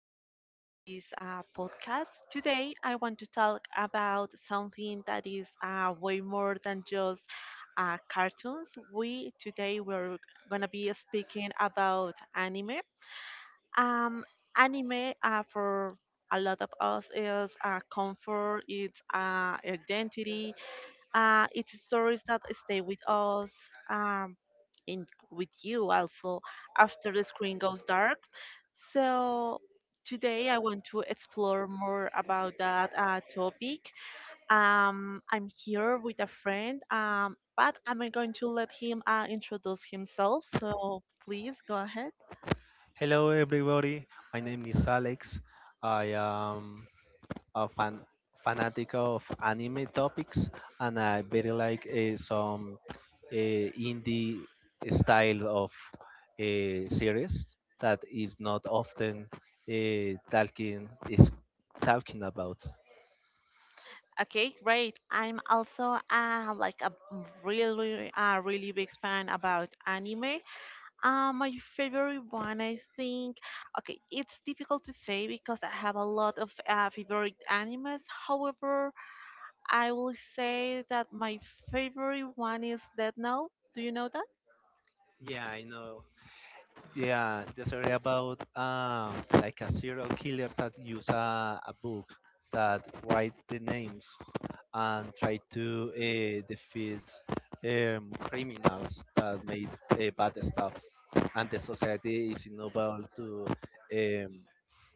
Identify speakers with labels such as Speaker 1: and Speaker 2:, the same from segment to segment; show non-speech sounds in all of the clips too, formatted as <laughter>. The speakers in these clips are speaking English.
Speaker 1: back to this podcast. Today I want to talk about something that is way more than just cartoons. We today we're gonna be speaking about anime. Um, Anime for a lot of us is comfort, it's identity, it's stories that stay with us, um, in with you also after the screen goes dark. So today I want to explore more about that topic. I'm here with a friend, but I'm going to let him introduce himself. So please go ahead.
Speaker 2: Hello, everybody. My name is Alex. I am a fanatic of anime topics, and I very like some indie style of series that is not often uh, talking is talking about.
Speaker 1: Okay, great. I'm also like a really big fan about anime. My favorite one, I think. Okay, it's difficult to say because I have a lot of favorite animes. However, I will say that my favorite one is Death Note. Do you know that?
Speaker 2: Yeah, I know. Yeah, the story about like a serial killer that use a book that write the names and try to defeat criminals that made bad stuff, and the society is unable to um,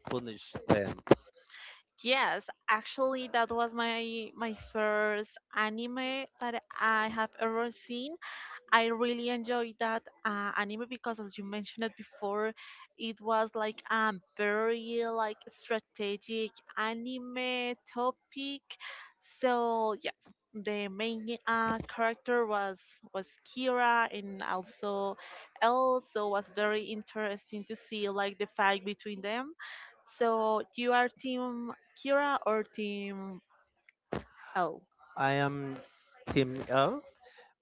Speaker 2: punish them.
Speaker 1: Yes, actually, that was my first anime that I have ever seen. I really enjoyed that anime because, as you mentioned it before, it was like a very like strategic anime topic. So yes, the main character was Kira, and also Elle. So was very interesting to see like the fight between them. So you are team Kira or team Elle?
Speaker 2: I am Team L,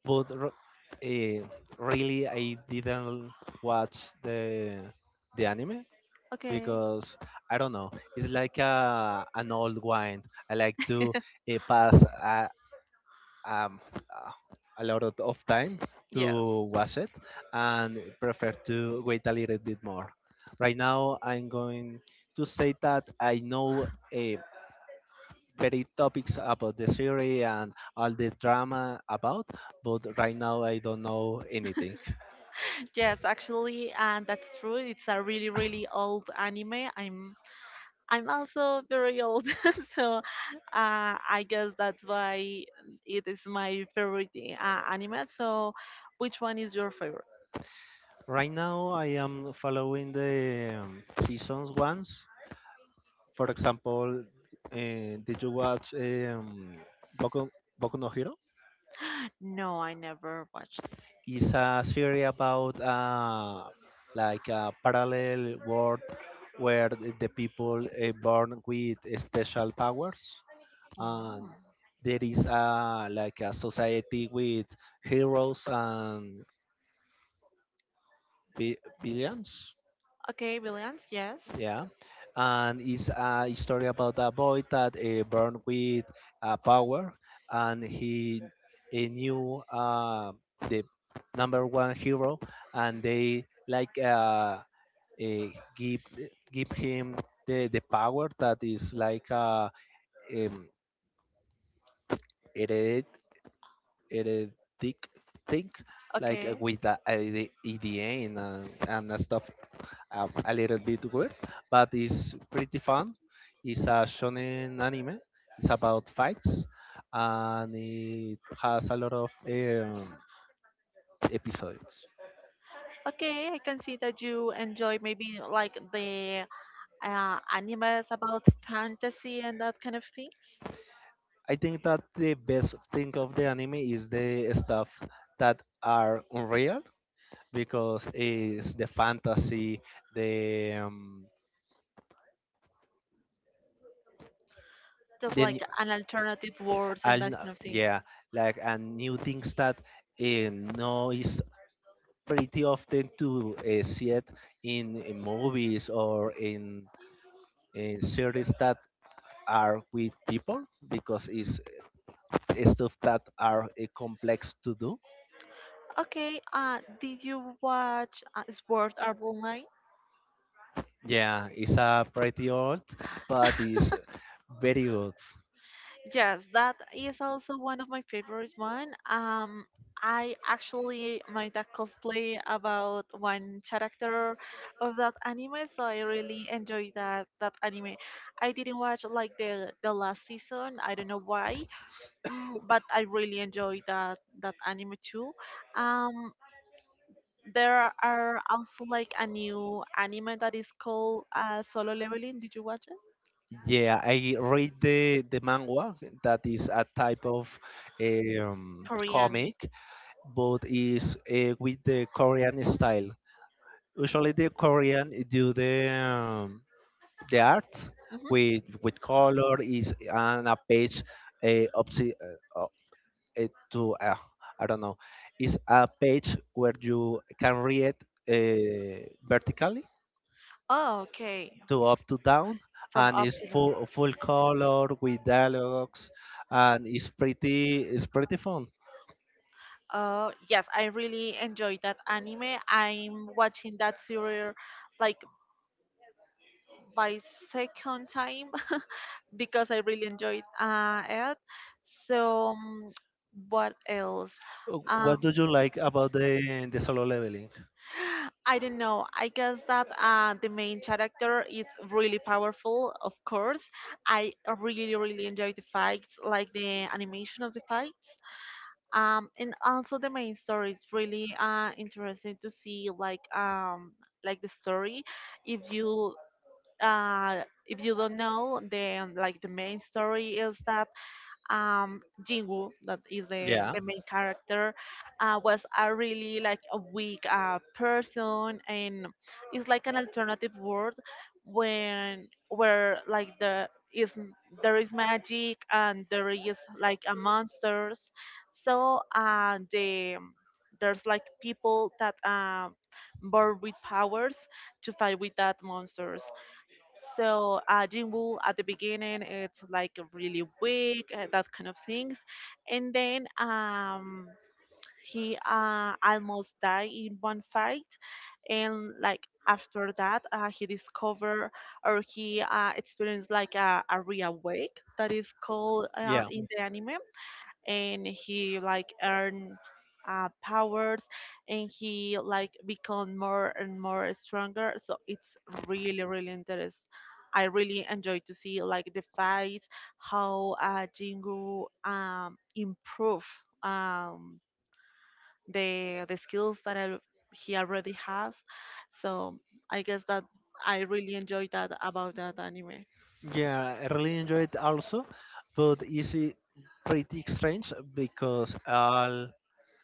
Speaker 2: but really I didn't watch the anime
Speaker 1: Okay.
Speaker 2: because I don't know. It's like a an old wine. I like to
Speaker 1: <laughs>
Speaker 2: uh, pass a, um, uh, a lot of time
Speaker 1: yes.
Speaker 2: to wash it, and prefer to wait a little bit more. Right now, I'm going to say that I know a very topics about the series and all the drama about, but right now I don't know anything.
Speaker 1: Yes, actually, and that's true. It's a really, really old anime. I'm also very old, <laughs> so I guess that's why it is my favorite anime. So, which one is your favorite?
Speaker 2: Right now, I am following the seasons once. For example, did you watch Boku, Boku no Hero?
Speaker 1: No, I never watched.
Speaker 2: It's a series about like a parallel world where the people born with special powers, and
Speaker 1: Mm.
Speaker 2: there is a like a society with heroes and villains.
Speaker 1: Okay, Billions, yes.
Speaker 2: Yeah, and it's a story about a boy that born with power, and he knew the number one hero, and they like uh, give give him the power that is like a um, hered heretic thing, like uh,
Speaker 1: Okay,
Speaker 2: with the, uh, the EDN and stuff, a little bit weird, but it's pretty fun. It's a shonen anime. It's about fights, and it has a lot of episodes.
Speaker 1: okay, I can see that you enjoy maybe like the animes about fantasy and that kind of things,
Speaker 2: I think that the best thing of the anime is the stuff that are unreal because it's the fantasy, the um,
Speaker 1: just
Speaker 2: the
Speaker 1: like
Speaker 2: new,
Speaker 1: an alternative worlds and that kind of things.
Speaker 2: yeah, like and new things that no is pretty often to see it in movies or in series that are with people because it's stuff that are complex to do.
Speaker 1: Okay, did you watch Sword Art Online?
Speaker 2: Yeah, it's pretty old, but it's very good.
Speaker 1: Yes, that is also one of my favorites one. I actually made a cosplay about one character of that anime, so I really enjoyed that anime. I didn't watch like the last season. I don't know why, <clears throat> but I really enjoyed that anime too. Um, there are also like a new anime that is called Solo Leveling. Did you watch it?
Speaker 2: Yeah, I read the manga that is a type of
Speaker 1: Korean.
Speaker 2: comic, but is with the Korean style. Usually, the Korean do the art
Speaker 1: Hmm.
Speaker 2: with color is on a page, uh, obsi- uh, uh, to I don't know, is a page where you can read vertically,
Speaker 1: Oh, okay.
Speaker 2: to up to down,
Speaker 1: From
Speaker 2: and
Speaker 1: up
Speaker 2: it's
Speaker 1: to now.
Speaker 2: full color with dialogues, and it's pretty fun.
Speaker 1: Yes, I really enjoyed that anime. I'm watching that series like by second time <laughs> because I really enjoyed it. So, what else?
Speaker 2: What
Speaker 1: Um,
Speaker 2: do you
Speaker 1: <gasps>
Speaker 2: like about the solo leveling?
Speaker 1: <laughs> I don't know. I guess that the main character is really powerful, of course. I really, really enjoyed the fights, like the animation of the fights. Um, and also the main story is really interesting to see like the story if you if you don't know then like the main story is that Jinwoo, that is the,
Speaker 2: Yeah.
Speaker 1: the main character, was a really like a weak person, and it's like an alternative world when where like is there is magic and there is like a monsters. So there's like people that born with powers to fight with that monsters. So Jinwoo at the beginning, it's like really weak, that kind of things, and then he almost died in one fight, and like after that, he discovered or he experienced like a real wake that is called
Speaker 2: Yeah.
Speaker 1: in the anime and he like earn powers and he like become more and more stronger so it's really really interesting. I really enjoy to see like the fights how jingu improve um the skills that he already has so I guess that I really enjoy that about that anime.
Speaker 2: Yeah, I really enjoyed also, but is it pretty strange because I'll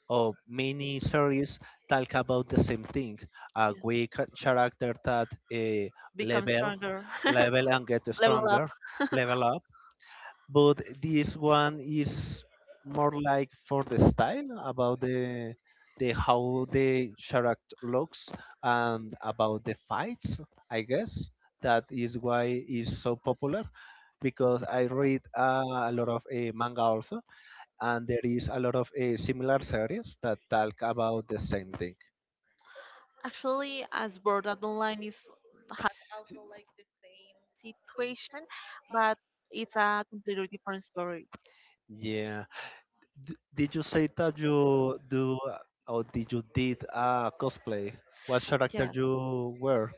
Speaker 2: of many series talk about the same thing, a
Speaker 1: Yeah.
Speaker 2: weak character that
Speaker 1: Become
Speaker 2: level
Speaker 1: stronger
Speaker 2: level and get
Speaker 1: <laughs> level up.
Speaker 2: stronger, level up. But this one is more like for the style about the how the character looks and about the fights. I guess that is why it's so popular, because I read a lot of manga also, and there is a lot of similar series that talk about the same thing.
Speaker 1: Actually, as Borderline is has
Speaker 2: Yeah. Did you say that you do or did you did a cosplay? What character you were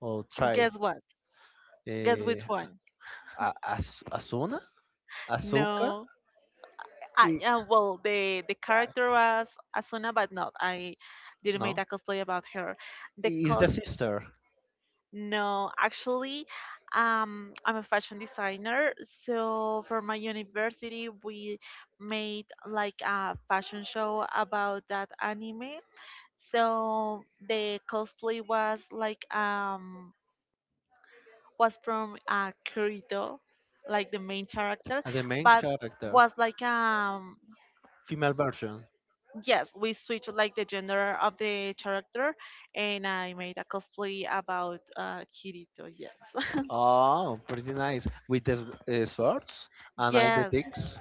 Speaker 2: or try? Uh, Asuna? Asuka? I- uh, No. Is the sister, the main character, female version. Oh, pretty nice. With the swords and all the things.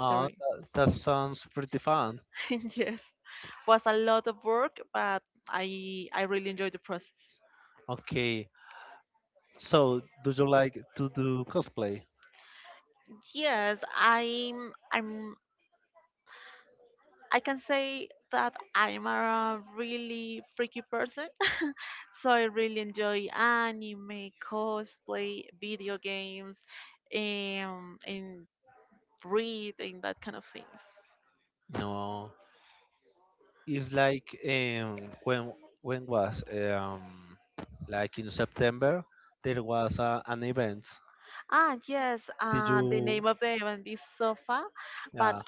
Speaker 2: Oh, that sounds pretty fun. Okay. So, do you like to do cosplay? No. It's like when was like in September there was an event. Did you? Yeah.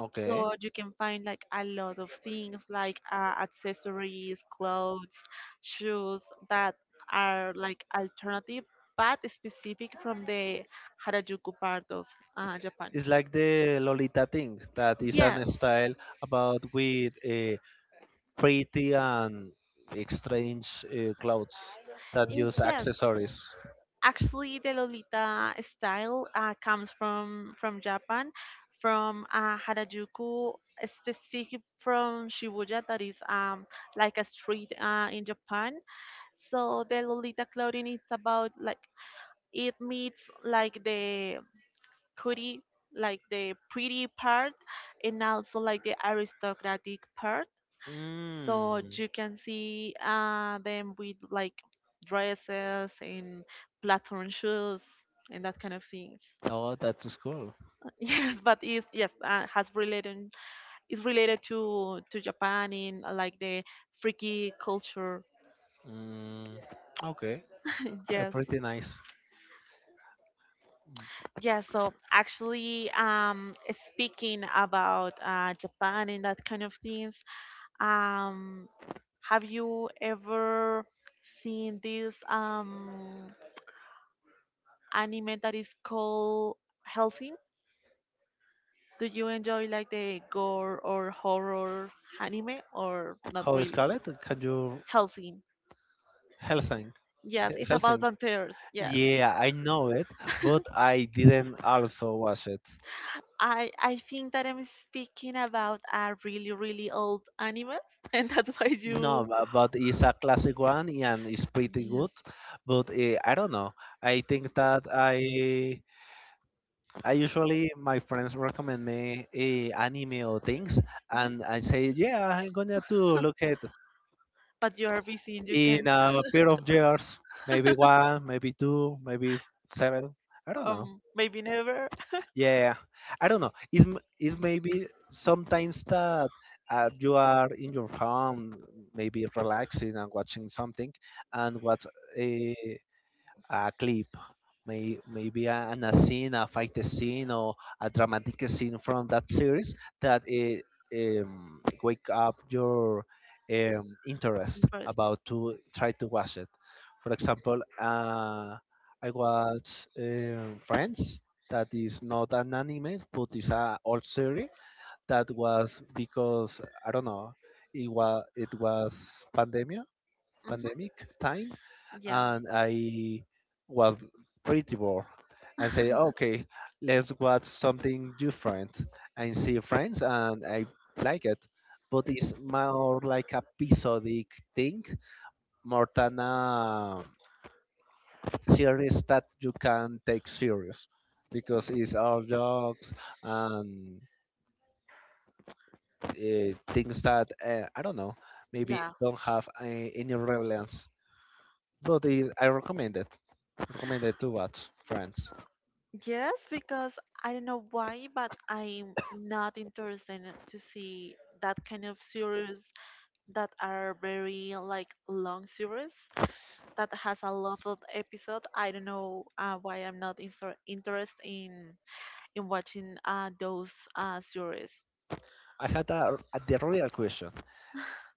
Speaker 2: Okay. It's like the Lolita thing that is an style about with pretty and strange clothes that use accessories. Mm. Oh, that is cool. Mm, okay. Pretty nice. How is Scarlett? Can you Helsing? Helsing. Yeah, I know it, but I didn't also watch it. No, but it's a classic one and it's pretty good. But I don't know. I think that I usually my friends recommend me anime or things, and I say, yeah, I'm gonna to look at in a pair of years, maybe one, maybe two, maybe seven. I don't know. Yeah, I don't know. It's maybe sometimes that you are in your home, maybe relaxing and watching something, and what, uh, a clip, maybe a scene, a fight scene, or a dramatic scene from that series, that it, wake up your interest about to try to watch it. For example, I watch Friends. That is not an anime, but it's a old series. That was because I don't know. It was pandemic time, and I was pretty bored. And say, okay, let's watch something different and see friends, and I like it. But it's more like a episodic thing, more than a series that you can take serious, because it's all jokes and things that I don't know, maybe don't have any relevance. But I recommend it. Recommended to watch Friends. I had a the real question.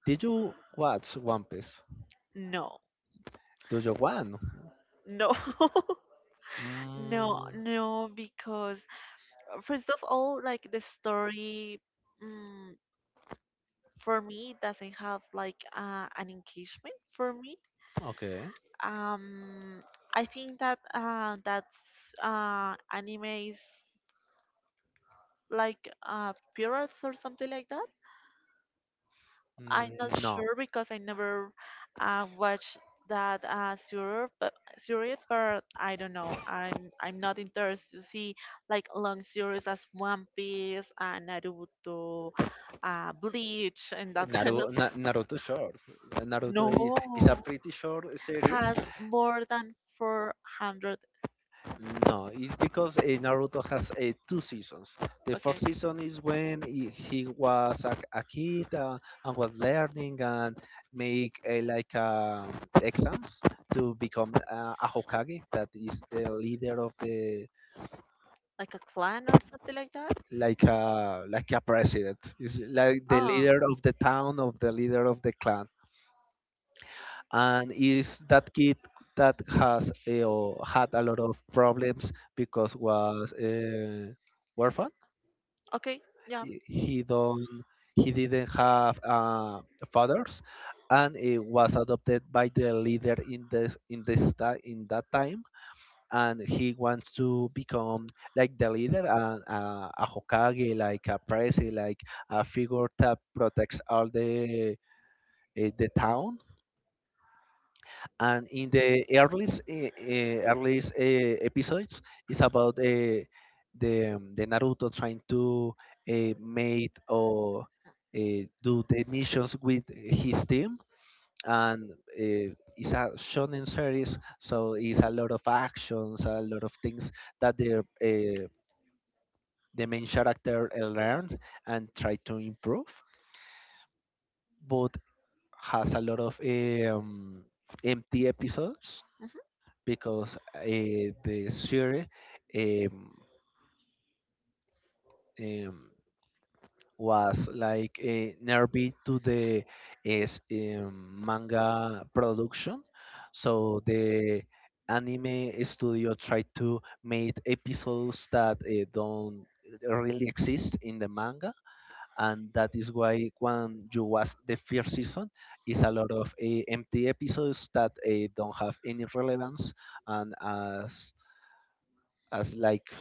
Speaker 2: Did you watch One Piece? Do you want? Mm, okay. Mm, no. Naruto short. Naruto is a pretty short series. No, it's because Naruto has two seasons. The first season is when he was a kid, and was learning and make like exams to become a Hokage, that is the leader of the like a president. Is like the leader of the town of the leader of the clan, and is that kid that has had a lot of problems because was. Orphan, he he don't he didn't have fathers, and he was adopted by the leader in the in this ti- in that time, and he wants to become like the leader and a hokage, like a president, like a figure that protects all the town. And in the earliest eh, eh, earliest eh, episodes, it's about the Naruto trying to eh, make or do the missions with his team. And eh, it's a shonen series, so it's a lot of actions, a lot of things that the main character learns and try to improve, but has a lot of empty episodes because the series, um, um, was like nearby to the is manga production. So the anime studio tried to make episodes that don't really exist in the manga, and that is why when you watch the first season is a lot of empty episodes that don't have any relevance, and as like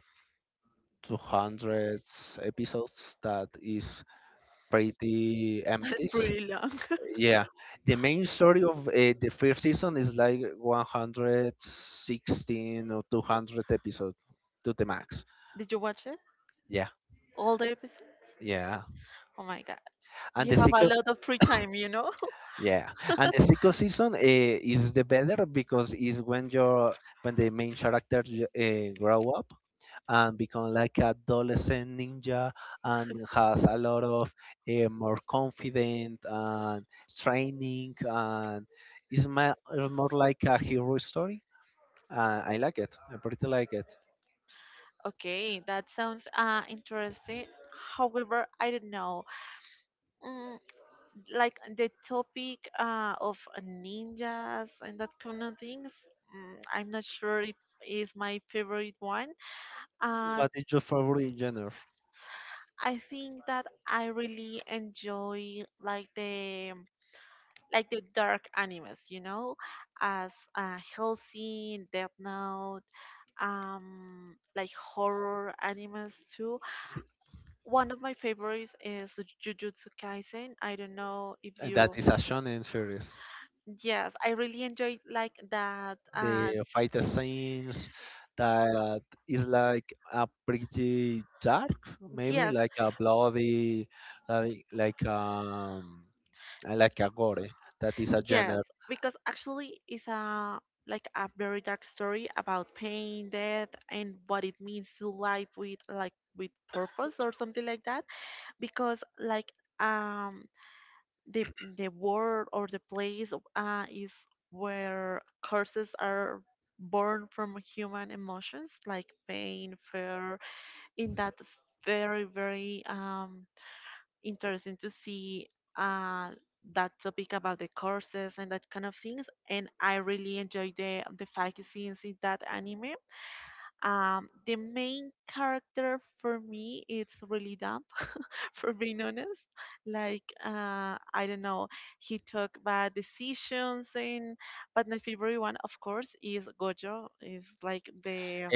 Speaker 2: 200 episodes, that is pretty empty. Yeah, the main story of the first season is like 116 or 200 episodes to the max. Yeah, yeah. And the second, <coughs> yeah, and the second season is the better because is when your when the main character grow up and become like a adolescent ninja, and has a lot of more confident and training, and is more like a hero story. I like it. I pretty like it. What is your favorite genre? That is a shonen series, the fight scenes, that is like a pretty dark, maybe like a bloody, like, like um I like a gore, that is a genre.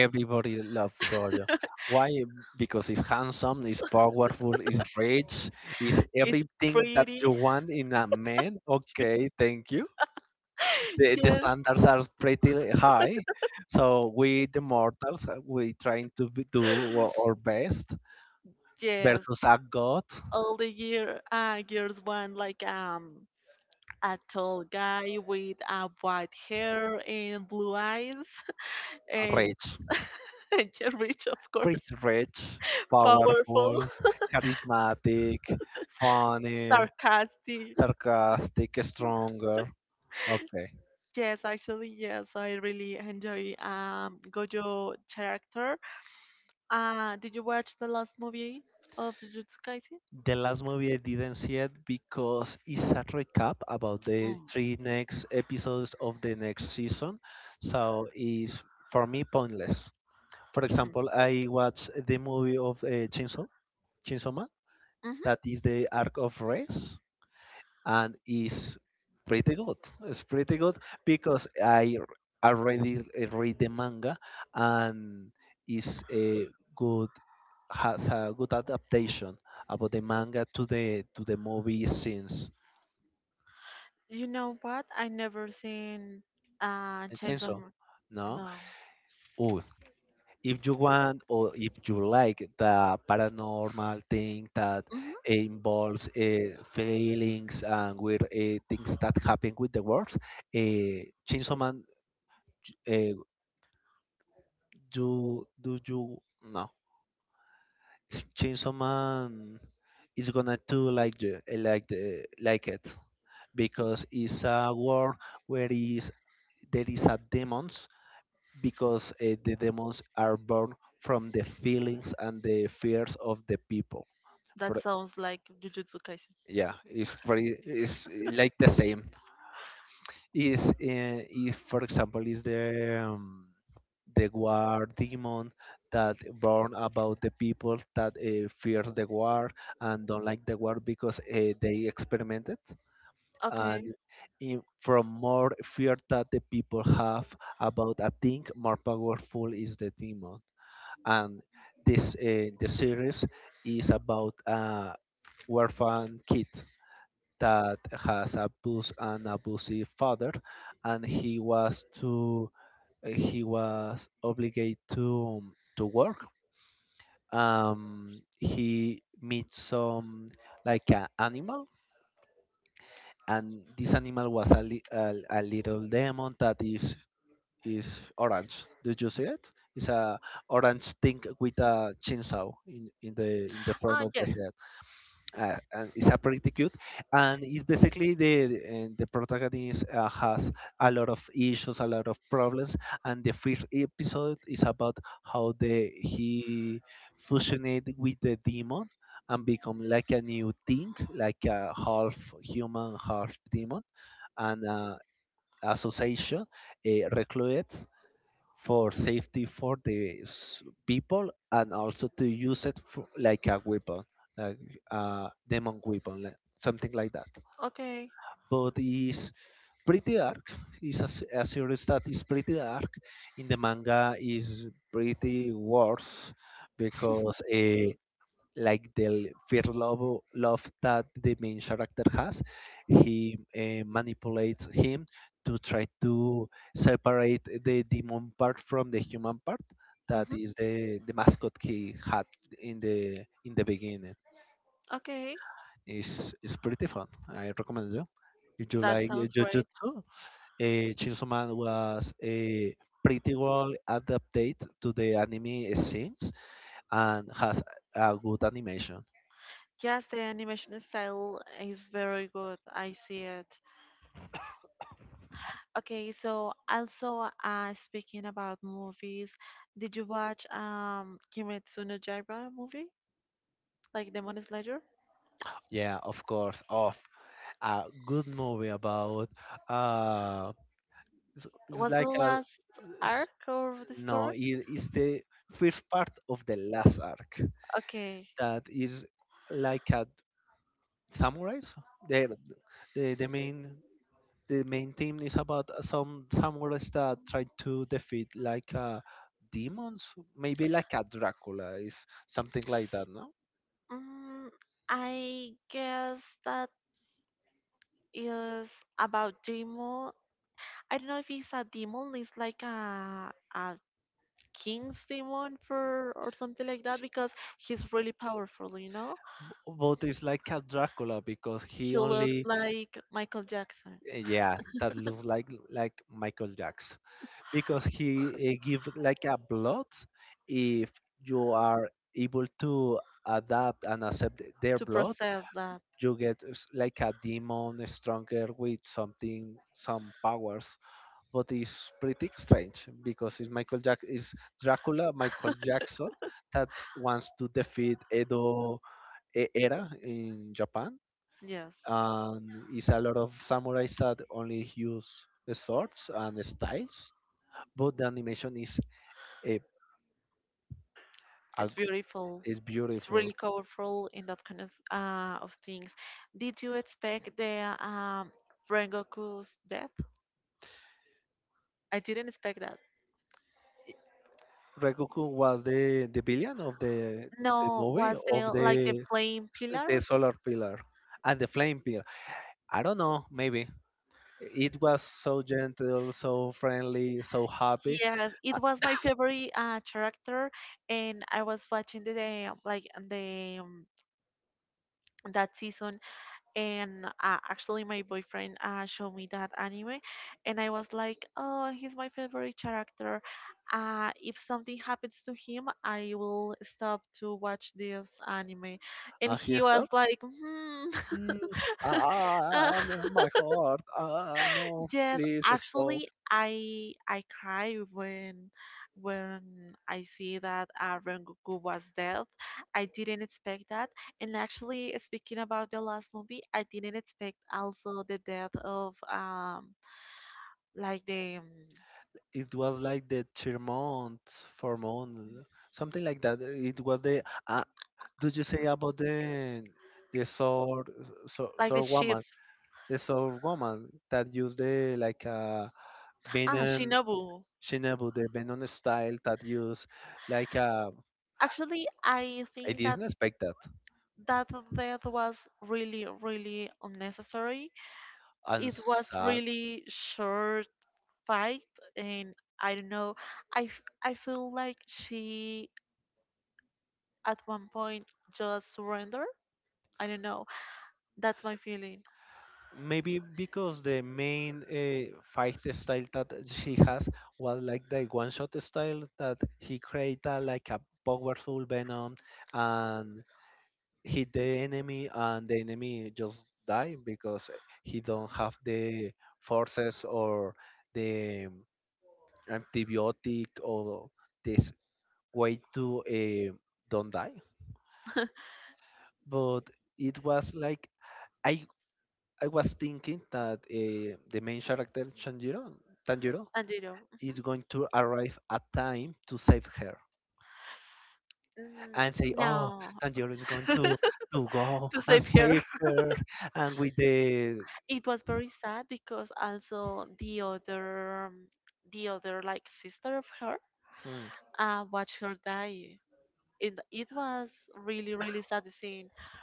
Speaker 2: Everybody love gore. Why? Because it's handsome, it's powerful, it's rich, it's everything that you want in a man. Okay, thank you. The standards are pretty high. So we, the mortals, we trying to do our best versus a god, rich, pretty rich, powerful, charismatic, funny, sarcastic, stronger. Okay. The last movie I didn't see it because it's a recap about the three next episodes of the next season. So it's for me pointless. For example, I watched the movie of Chainsaw Man, that is the Arc of Race, and is pretty good. It's pretty good because already read the manga, and is a good has a good adaptation about the manga to the movie since Chainsaw. No, oh, if you want or if you like the paranormal thing that involves feelings and weird things that happen with the words, uh, Chainsaw Man, uh, do you no Chainsaw Man is gonna do like it, because it's a world where is there is a demon, because the demons are born from the feelings and the fears of the people. For Yeah, it's pretty. It's like the same. Is if for example is the war demon that born about the people that fears the war and don't like the war because they experimented and from more fear that the people have about a thing more powerful is the demon. And this The series is about a orphan kid that has a abused an abusive father, and he was obligated to work. He meets some like an animal, and this animal was a little demon that is orange. Did you see it? It's a orange thing with a chainsaw in the front of the head. And it's a pretty cute. And it's basically and the protagonist has a lot of issues, a lot of problems. And the first episode is about how the he fusioned with the demon and become like a new thing, like a half human, half demon, and association recruits for safety for the people and also to use it for, like a weapon, like a demon weapon, like, something like that. But it's pretty dark. It's a series that is pretty dark. In the manga, is pretty worse because like the fear love that the main character has. He manipulates him to try to separate the demon part from the human part. That is the mascot he had in the beginning. It's pretty fun. I recommend you. If you like Jujutsu, Chainsaw Man was a pretty well adapted to the anime scenes and has a good animation. Yeah, of course, of a good movie about uh, it's like a s- no, it is the fifth part of the last arc that is like a samurais. They the the main the main theme is about some samurais that try to defeat like demons, maybe like a Dracula, is something like that, no? It's- but it's like a Dracula because yeah, that looks like Michael Jackson because he give like a blood. If you are able to adapt and accept their blood, you get like a demon stronger with some powers. But it's pretty strange because it's Michael Jack is Dracula Michael Jackson that wants to defeat Edo era in Japan, and it's a lot of samurais that only use swords and styles. But the animation is a, a is beautiful. Rekuku was the villain of the movie of the solar pillar and the flame pillar. I don't know, maybe it was so gentle, so friendly, so happy, and he stopped. Mm, ah, ah, my heart, ah, no, please stop. It was like the Chermont, Formont, something like that. It was the did you say about the sword woman, the sword woman that used the like a Benon Shinobu, the Benon style that used like a. I didn't expect that. And sad. Maybe because the main fight style that she has was like the one shot style that he created like a powerful venom and hit the enemy, and the enemy just die because he don't have the forces or the antibiotic or this way to don't die. But it was like I I was thinking that the main character Tanjiro, Tanjiro is going to arrive at time to save her and say, "Oh, Tanjiro is going to go and save her," and hmm,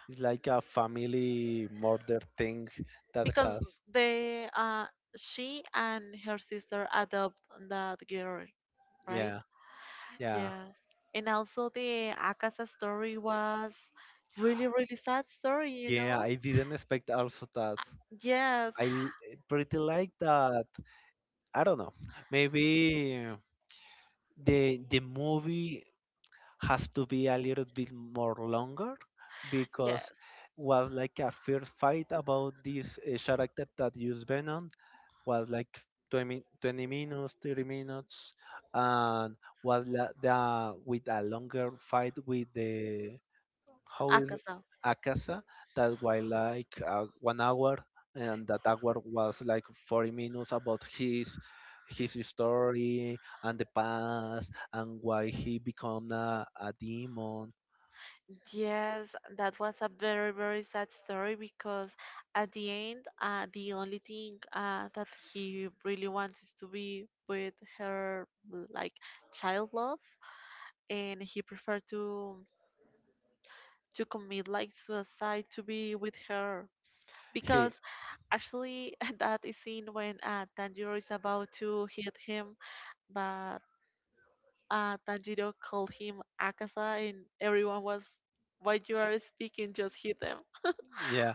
Speaker 2: it's like a family murder thing that has. Yeah, yeah, yeah. I didn't expect also that. I pretty like that. I don't know. Maybe the movie has to be a little bit more longer because was like a fierce fight about this character that used Venom. Was like 20, 20 minutes, 30 minutes, and with a longer fight with the how is Akasa, that was like one hour, and that hour was like 40 minutes about his story and the past and why he become a demon. He Yeah,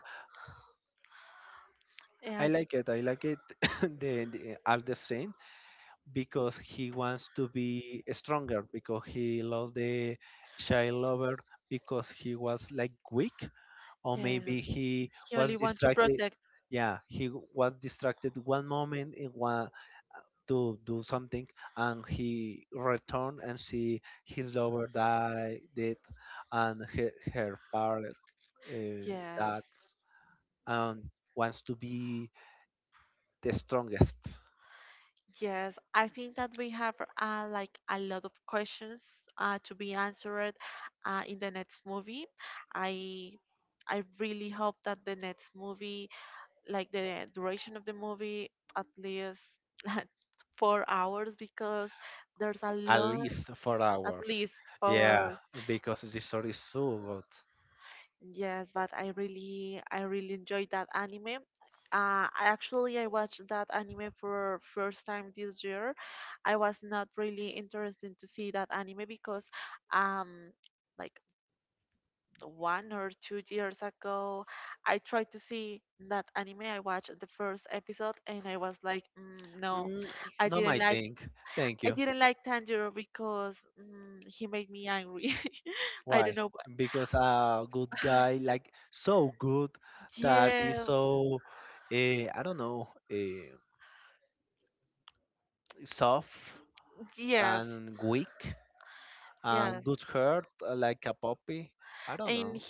Speaker 2: I like it. I like it. <coughs> The all the scenes, because he wants to be stronger, because he lost the child lover, because he was like weak, or maybe he was distracted. Yeah, he was distracted one moment in one to do something, and he returned and see his lover die dead, and her part that um, wants to be the strongest. At least 4 hours. Yeah, because the story is so good. Mm, not my thing. Thank you. Why? Because a good guy, like so good that is so, I don't know, soft and weak and good heart, like a puppy. I don't know,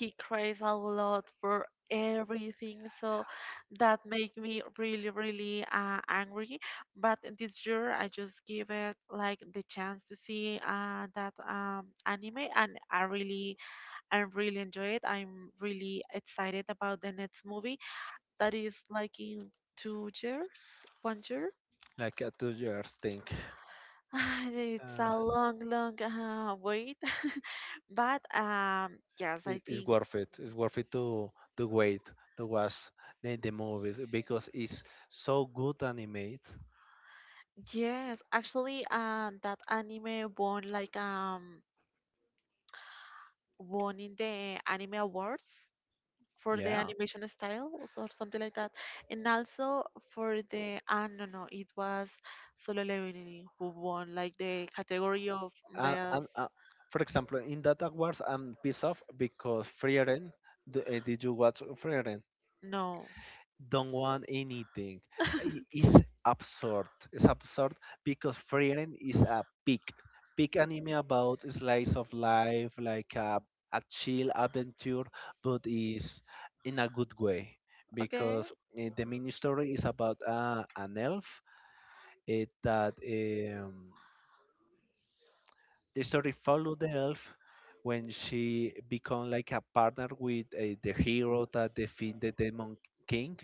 Speaker 2: like a 2 years thing. Uh, it's worth it. It's worth it to wait to watch the movies because it's so good animated. Yeah. And for example, in that awards, I'm pissed off because Frieren. Did you watch Frieren? Don't want anything. It's absurd. It's absurd because Frieren is a big, big anime about slice of life, like a chill adventure, but is in a good way because the mini story is about an elf, that um, the story follow the elf when she become like a partner with the hero that defeat the demon king,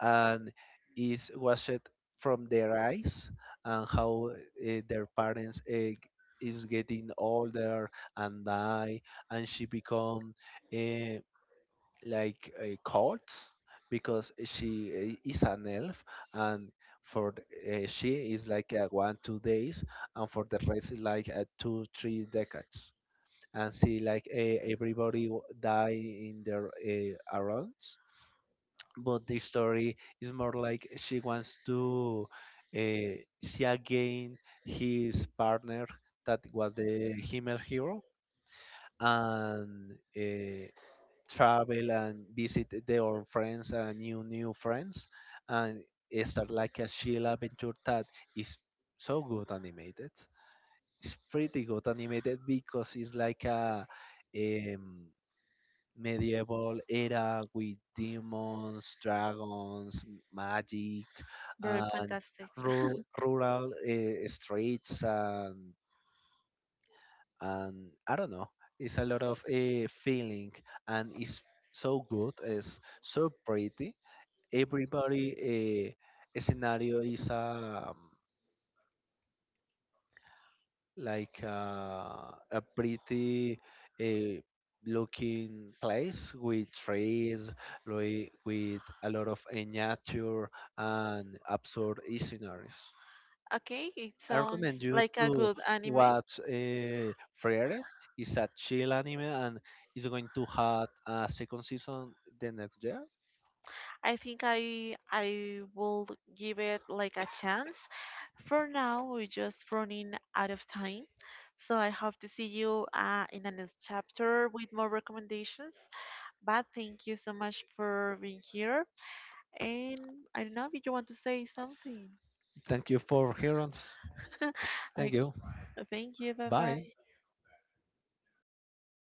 Speaker 2: and is was it from their eyes and how their parents is getting older and die, and she become uh, like a cult because she is an elf. And she is like 1, 2 days, and for the rest is like 2, 3 decades, and see like everybody die in their arounds. But the story is more like she wants to see again his partner that was the female hero, and travel and visit their friends and new friends, and start like a chill adventure that is so good animated. It's pretty good animated because it's like a um, medieval era with demons, dragons, magic, and rural streets, and I don't know. It's a lot of feeling, and it's so good. It's so pretty. Everybody scenario is like a pretty uh, looking place with trees, like, with a lot of nature and absurd scenarios. I recommend you to watch Friere. It's a chill anime, and it's going to have a second season the next year. Thank you for hearing us. Thank you. Bye.